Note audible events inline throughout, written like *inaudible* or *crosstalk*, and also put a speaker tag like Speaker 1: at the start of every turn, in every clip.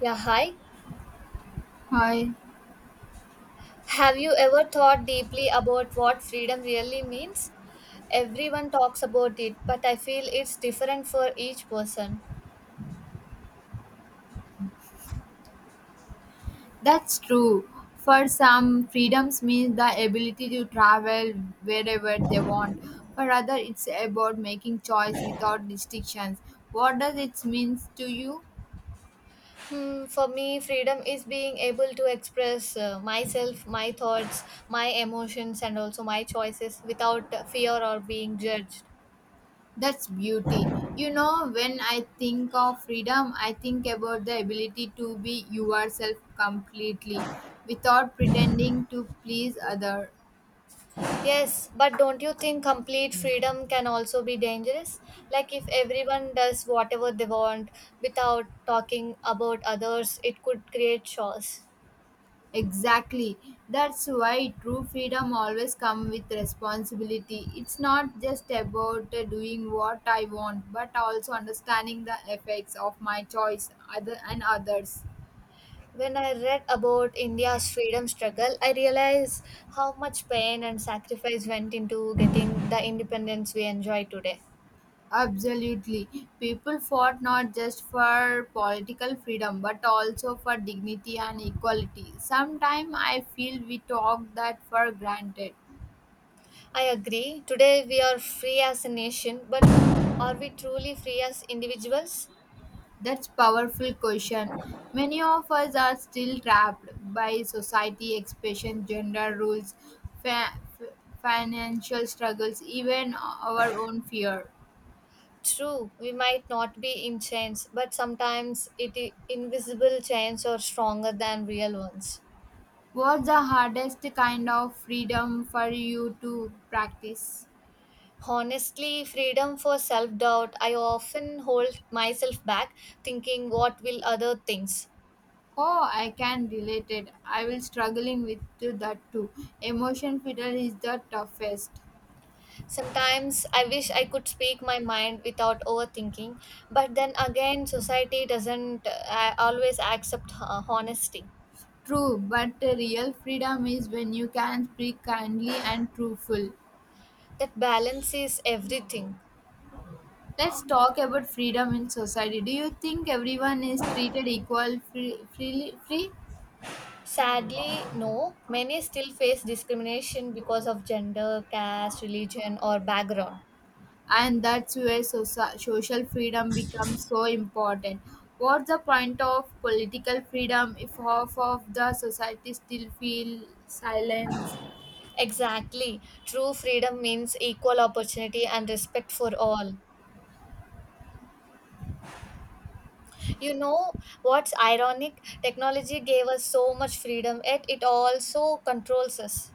Speaker 1: Yeah, hi.
Speaker 2: Hi,
Speaker 1: Have you ever thought deeply about what freedom really means? Everyone talks about it, but I feel it's different for each person.
Speaker 2: that's true. For some, freedoms means the ability to travel wherever they want. For other, it's about making choice without restrictions. What does it mean to you?
Speaker 1: Hmm, for me, freedom is being able to express myself, my thoughts, my emotions, and also my choices without fear or being judged.
Speaker 2: That's beauty. You know, when I think of freedom, I think about the ability to be yourself completely without pretending to please others.
Speaker 1: Yes, but don't you think complete freedom can also be dangerous? Like, if everyone does whatever they want without talking about others, it could create chaos.
Speaker 2: Exactly. That's why true freedom always comes with responsibility. It's not just about doing what I want, but also understanding the effects of my choice other and others.
Speaker 1: When I read about India's freedom struggle, I realized how much pain and sacrifice went into getting the independence we enjoy today.
Speaker 2: Absolutely. People fought not just for political freedom but also for dignity and equality. Sometimes I feel we talk that for granted.
Speaker 1: I agree. Today we are free as a nation, but are we truly free as individuals?
Speaker 2: That's powerful question. Many of us are still trapped by society expression, gender rules, fa- f- financial struggles, even our own fear.
Speaker 1: True, we might not be in chains, but sometimes invisible chains are stronger than real ones.
Speaker 2: What's the hardest kind of freedom for you to practice?
Speaker 1: Honestly, freedom for self doubt. I often hold myself back, thinking, "What will other things?"
Speaker 2: Oh, I can relate it. I will struggling with to that too. Emotion freedom is the toughest.
Speaker 1: Sometimes I wish I could speak my mind without overthinking, but then again, society doesn't always accept honesty.
Speaker 2: True, but real freedom is when you can speak kindly and truthful.
Speaker 1: That balance is everything.
Speaker 2: Let's talk about freedom in society. Do you think everyone is treated equal, free, freely, free,
Speaker 1: Sadly, no, many still face discrimination because of gender, caste, religion, or background.
Speaker 2: and that's where social freedom becomes so important? What's the point of political freedom if half of the society still feel silence?
Speaker 1: Exactly. True freedom means equal opportunity and respect for all. You know what's ironic? Technology gave us so much freedom, yet it also controls us.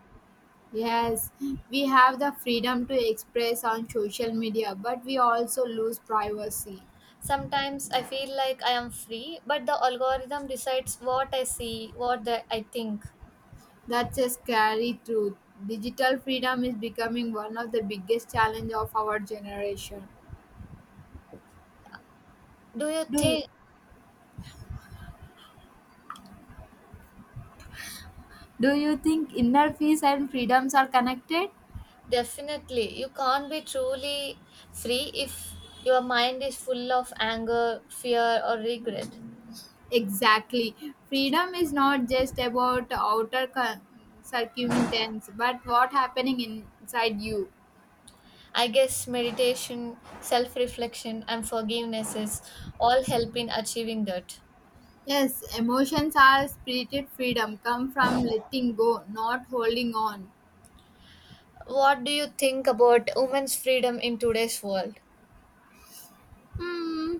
Speaker 2: Yes, we have the freedom to express on social media, but we also lose privacy.
Speaker 1: Sometimes I feel like I am free, but the algorithm decides what I see, what the, I think.
Speaker 2: That's a scary truth. Digital freedom is becoming one of the biggest challenge of our generation.
Speaker 1: Do you
Speaker 2: Do you?
Speaker 1: think?
Speaker 2: Do you think inner peace and freedoms are connected?
Speaker 1: Definitely. You can't be truly free if your mind is full of anger, fear, or regret.
Speaker 2: Exactly. Freedom is not just about outer circumstance, but what happening inside you.
Speaker 1: I guess meditation, self reflection, and forgiveness is all help in achieving that.
Speaker 2: Yes, emotions are spirited freedom come from letting go, not holding on.
Speaker 1: What do you think about women's freedom in today's world?
Speaker 2: Hmm,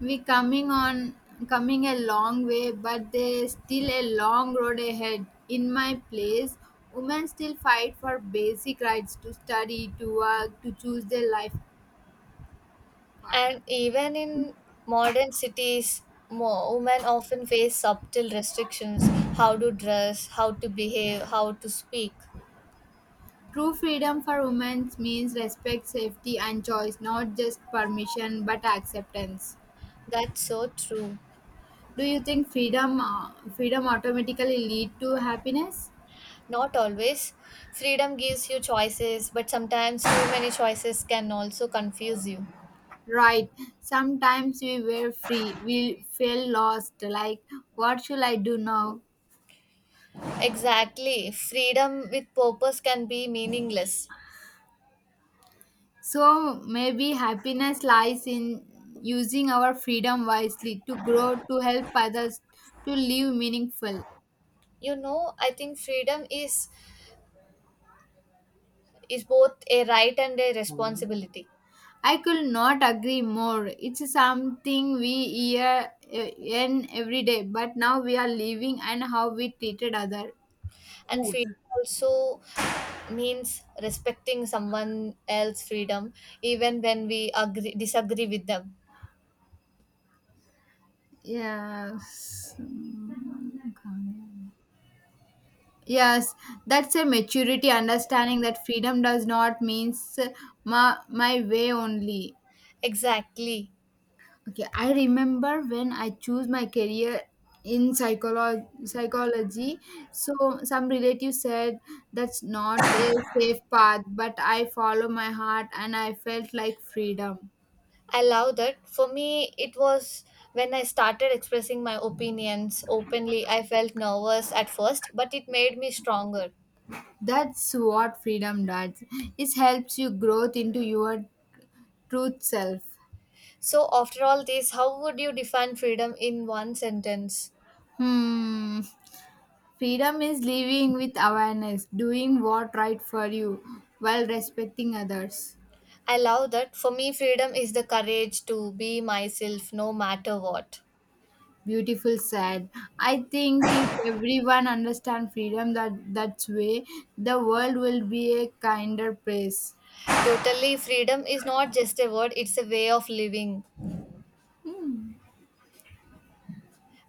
Speaker 2: we coming on coming a long way, but there's still a long road ahead. In my place, women still fight for basic rights to study, to work, to choose their life partner.
Speaker 1: And even in modern cities, women often face subtle restrictions how to dress, how to behave, how to speak.
Speaker 2: True freedom for women means respect, safety, and choice, not just permission but acceptance.
Speaker 1: That's so true.
Speaker 2: Do you think freedom, freedom automatically lead to happiness?
Speaker 1: Not always. Freedom gives you choices, but sometimes too many choices can also confuse you.
Speaker 2: Right. Sometimes we were free. We felt lost. Like, what should I do now?
Speaker 1: Exactly. Freedom with purpose can be meaningless.
Speaker 2: So maybe happiness lies in using our freedom wisely to grow, to help others, to live meaningful.
Speaker 1: You know, I think freedom is both a right and a responsibility.
Speaker 2: I could not agree more. It's something we hear in every day, but now we are living and how we treated other.
Speaker 1: And freedom also means respecting someone else's freedom even when we agree disagree with them
Speaker 2: Yes. Yes, that's a maturity understanding that freedom does not means my way only.
Speaker 1: exactly.
Speaker 2: Okay, I remember when I choose my career in psychology. So some relatives said that's not a safe path, but I follow my heart and I felt like freedom.
Speaker 1: I love that. For me it was when I started expressing my opinions openly. I felt nervous at first, but it made me stronger.
Speaker 2: That's what freedom does. It helps you growth into your truth self.
Speaker 1: So after all this, how would you define freedom in one sentence?
Speaker 2: Hmm. *laughs* Freedom is living with awareness, doing what right for you while respecting others.
Speaker 1: I love that. For me, freedom is the courage to be myself no matter what.
Speaker 2: Beautiful said. I think if everyone understands freedom that way, the world will be a kinder place.
Speaker 1: Totally, freedom is not just a word, it's a way of living.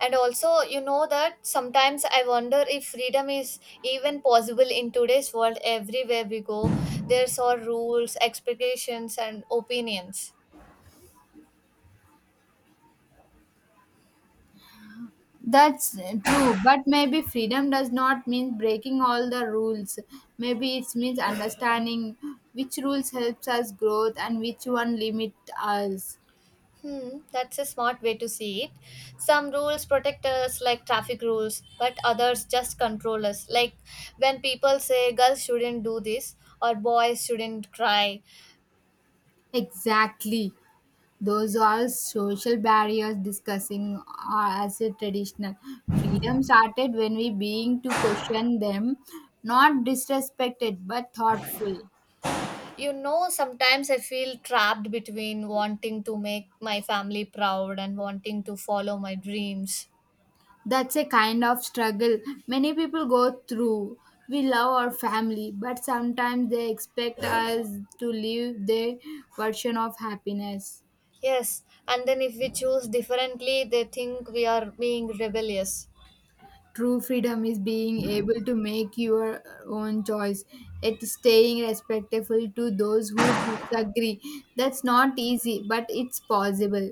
Speaker 1: And also, you know that sometimes I wonder if freedom is even possible in today's world. Everywhere we go, there's all rules, expectations, and opinions.
Speaker 2: That's true, but maybe freedom does not mean breaking all the rules. Maybe it means understanding which rules helps us growth and which one limit us.
Speaker 1: Hmm, that's a smart way to see it. Some rules protect us, like traffic rules, but others just control us. Like when people say girls shouldn't do this or boys shouldn't cry.
Speaker 2: Exactly. Those are social barriers discussing as a traditional. Freedom started when we being to question them, not disrespected but thoughtful.
Speaker 1: You know, sometimes I feel trapped between wanting to make my family proud and wanting to follow my dreams.
Speaker 2: That's a kind of struggle many people go through. We love our family, but sometimes they expect us to live their version of happiness.
Speaker 1: Yes, and then if we choose differently, they think we are being rebellious.
Speaker 2: True freedom is being able to make your own choice, at staying respectful to those who disagree. That's not easy, but it's possible.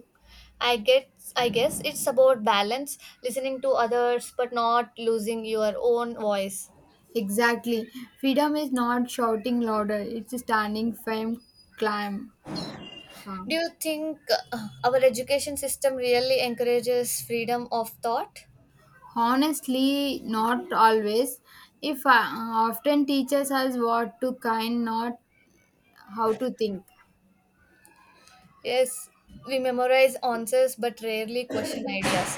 Speaker 1: I get I guess it's about balance, listening to others but not losing your own voice.
Speaker 2: Exactly. Freedom is not shouting louder, it's standing firm, climb,
Speaker 1: Do
Speaker 2: calm.
Speaker 1: you think our education system really encourages freedom of thought?
Speaker 2: Honestly, not always. If often teaches us what to kind, not how to think.
Speaker 1: Yes, we memorize answers but rarely question ideas.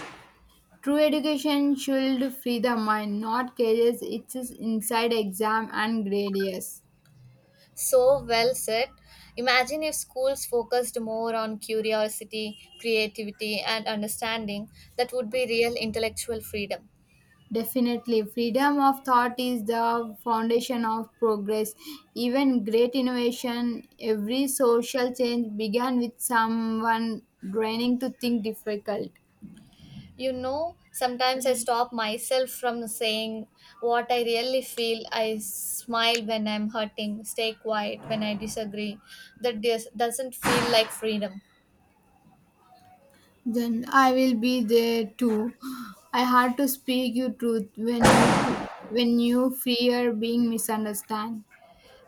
Speaker 2: True education should free the mind, not cages its inside exam and gradius.
Speaker 1: So well said. Imagine if schools focused more on curiosity, creativity, and understanding, that would be real intellectual freedom.
Speaker 2: Definitely, freedom of thought is the foundation of progress. Even great innovation, every social change began with someone training to think difficult.
Speaker 1: You know, sometimes I stop myself from saying what I really feel. I smile when I'm hurting, stay quiet when I disagree. Doesn't feel like freedom.
Speaker 2: Then I will be there too. I had to speak you truth when you fear being misunderstood.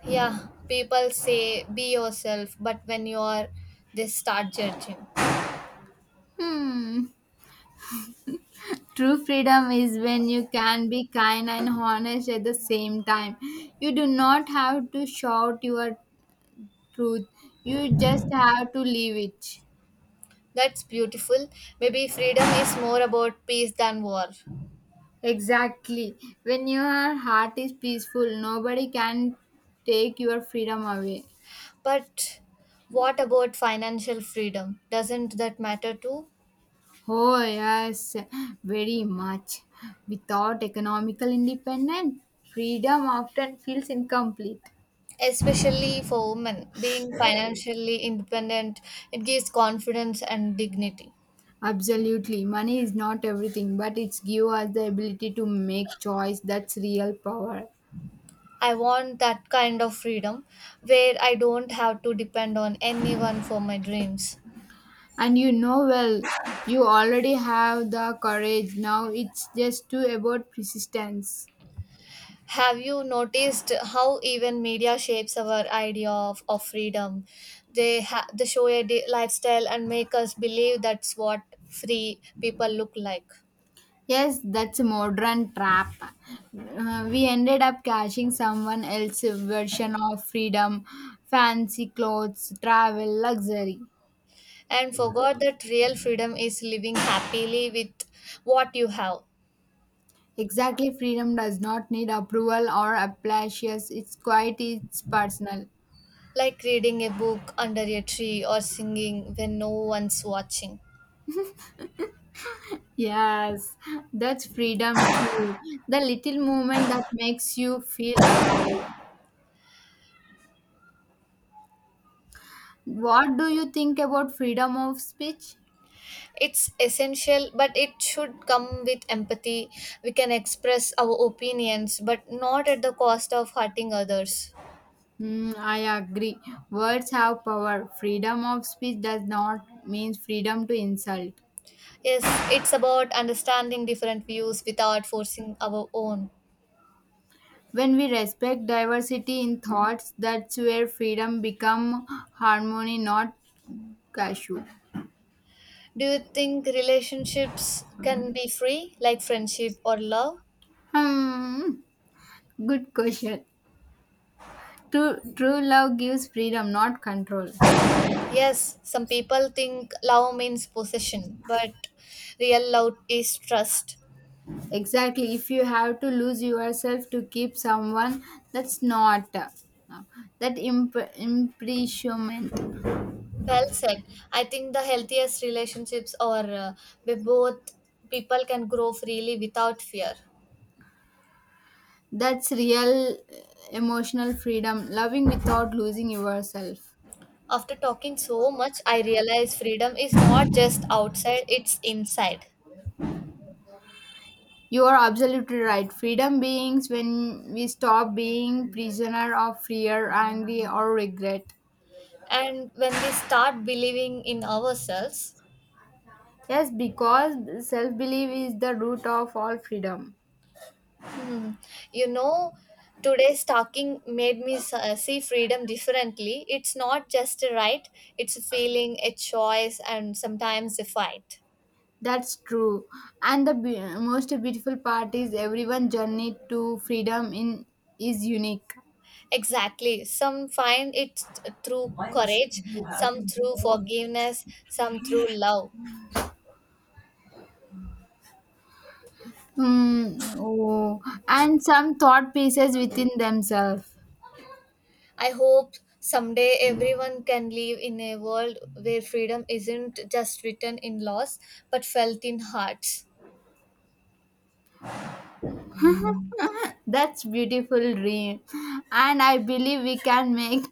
Speaker 1: Yeah, people say be yourself, but when you are, they start judging.
Speaker 2: True freedom is when you can be kind and honest at the same time. You do not have to shout your truth, you just have to live it.
Speaker 1: That's beautiful. Maybe freedom is more about peace than war.
Speaker 2: Exactly. When your heart is peaceful, nobody can take your freedom away.
Speaker 1: But what about financial freedom? Doesn't that matter too?
Speaker 2: Oh, yes, very much. Without economical independence, freedom often feels incomplete.
Speaker 1: Especially for women, being financially independent, it gives confidence and dignity.
Speaker 2: Absolutely. Money is not everything, but it's give us the ability to make choice. That's real power.
Speaker 1: I want that kind of freedom where I don't have to depend on anyone for my dreams.
Speaker 2: And you know well, you already have the courage. Now it's just to about persistence.
Speaker 1: Have you noticed how even media shapes our idea of freedom? They, they show a lifestyle and make us believe that's what free people look like.
Speaker 2: Yes, that's a modern trap. We ended up cashing someone else's version of freedom, fancy clothes, travel, luxury.
Speaker 1: And forgot that real freedom is living happily with what you have,
Speaker 2: Exactly, freedom does not need approval or applause. Yes, it's quite it's personal.
Speaker 1: like reading a book under a tree or singing when no one's watching.
Speaker 2: Yes, that's freedom too. The little movement that makes you feel alive. What do you think about freedom of speech?
Speaker 1: It's essential, but it should come with empathy. We can express our opinions, but not at the cost of hurting others.
Speaker 2: Hmm, I agree. Words have power. Freedom of speech does not mean freedom to insult.
Speaker 1: Yes, it's about understanding different views without forcing our own.
Speaker 2: When we respect diversity in thoughts, that's where freedom become harmony, not cashew.
Speaker 1: Do you think relationships can be free, like friendship or love?
Speaker 2: Hmm, good question. True love gives freedom, not control.
Speaker 1: Yes, some people think love means possession, but real love is trust.
Speaker 2: Exactly. If you have to lose yourself to keep someone, that's not that imprisonment.
Speaker 1: Well said. I think the healthiest relationships are where both people can grow freely without fear.
Speaker 2: That's real emotional freedom. Loving without losing yourself.
Speaker 1: After talking so much, I realize freedom is not just outside, it's inside.
Speaker 2: You are absolutely right. Freedom beings when we stop being prisoner of fear, anger, or regret.
Speaker 1: And when we start believing in ourselves,
Speaker 2: Yes, because self belief is the root of all freedom.
Speaker 1: you know, today's talking made me see freedom differently. It's not just a right, it's a feeling, a choice, and sometimes a fight.
Speaker 2: That's true. And the most beautiful part is everyone's journey to freedom in is unique.
Speaker 1: Exactly, some find it through courage, some through forgiveness, some through love.
Speaker 2: Hmm. Oh. And some thought pieces within themselves.
Speaker 1: I hope someday everyone can live in a world where freedom isn't just written in laws but felt in hearts.
Speaker 2: That's beautiful dream. And I believe we can make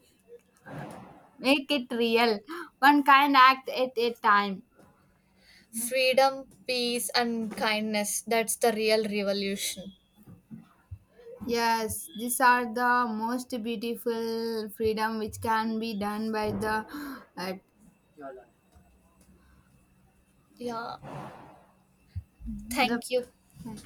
Speaker 2: make it real. One kind act at a time.
Speaker 1: Freedom, peace, and kindness. That's the real revolution.
Speaker 2: Yes, these are the most beautiful freedom which can be done by uh,
Speaker 1: Yeah. Thank you.
Speaker 2: the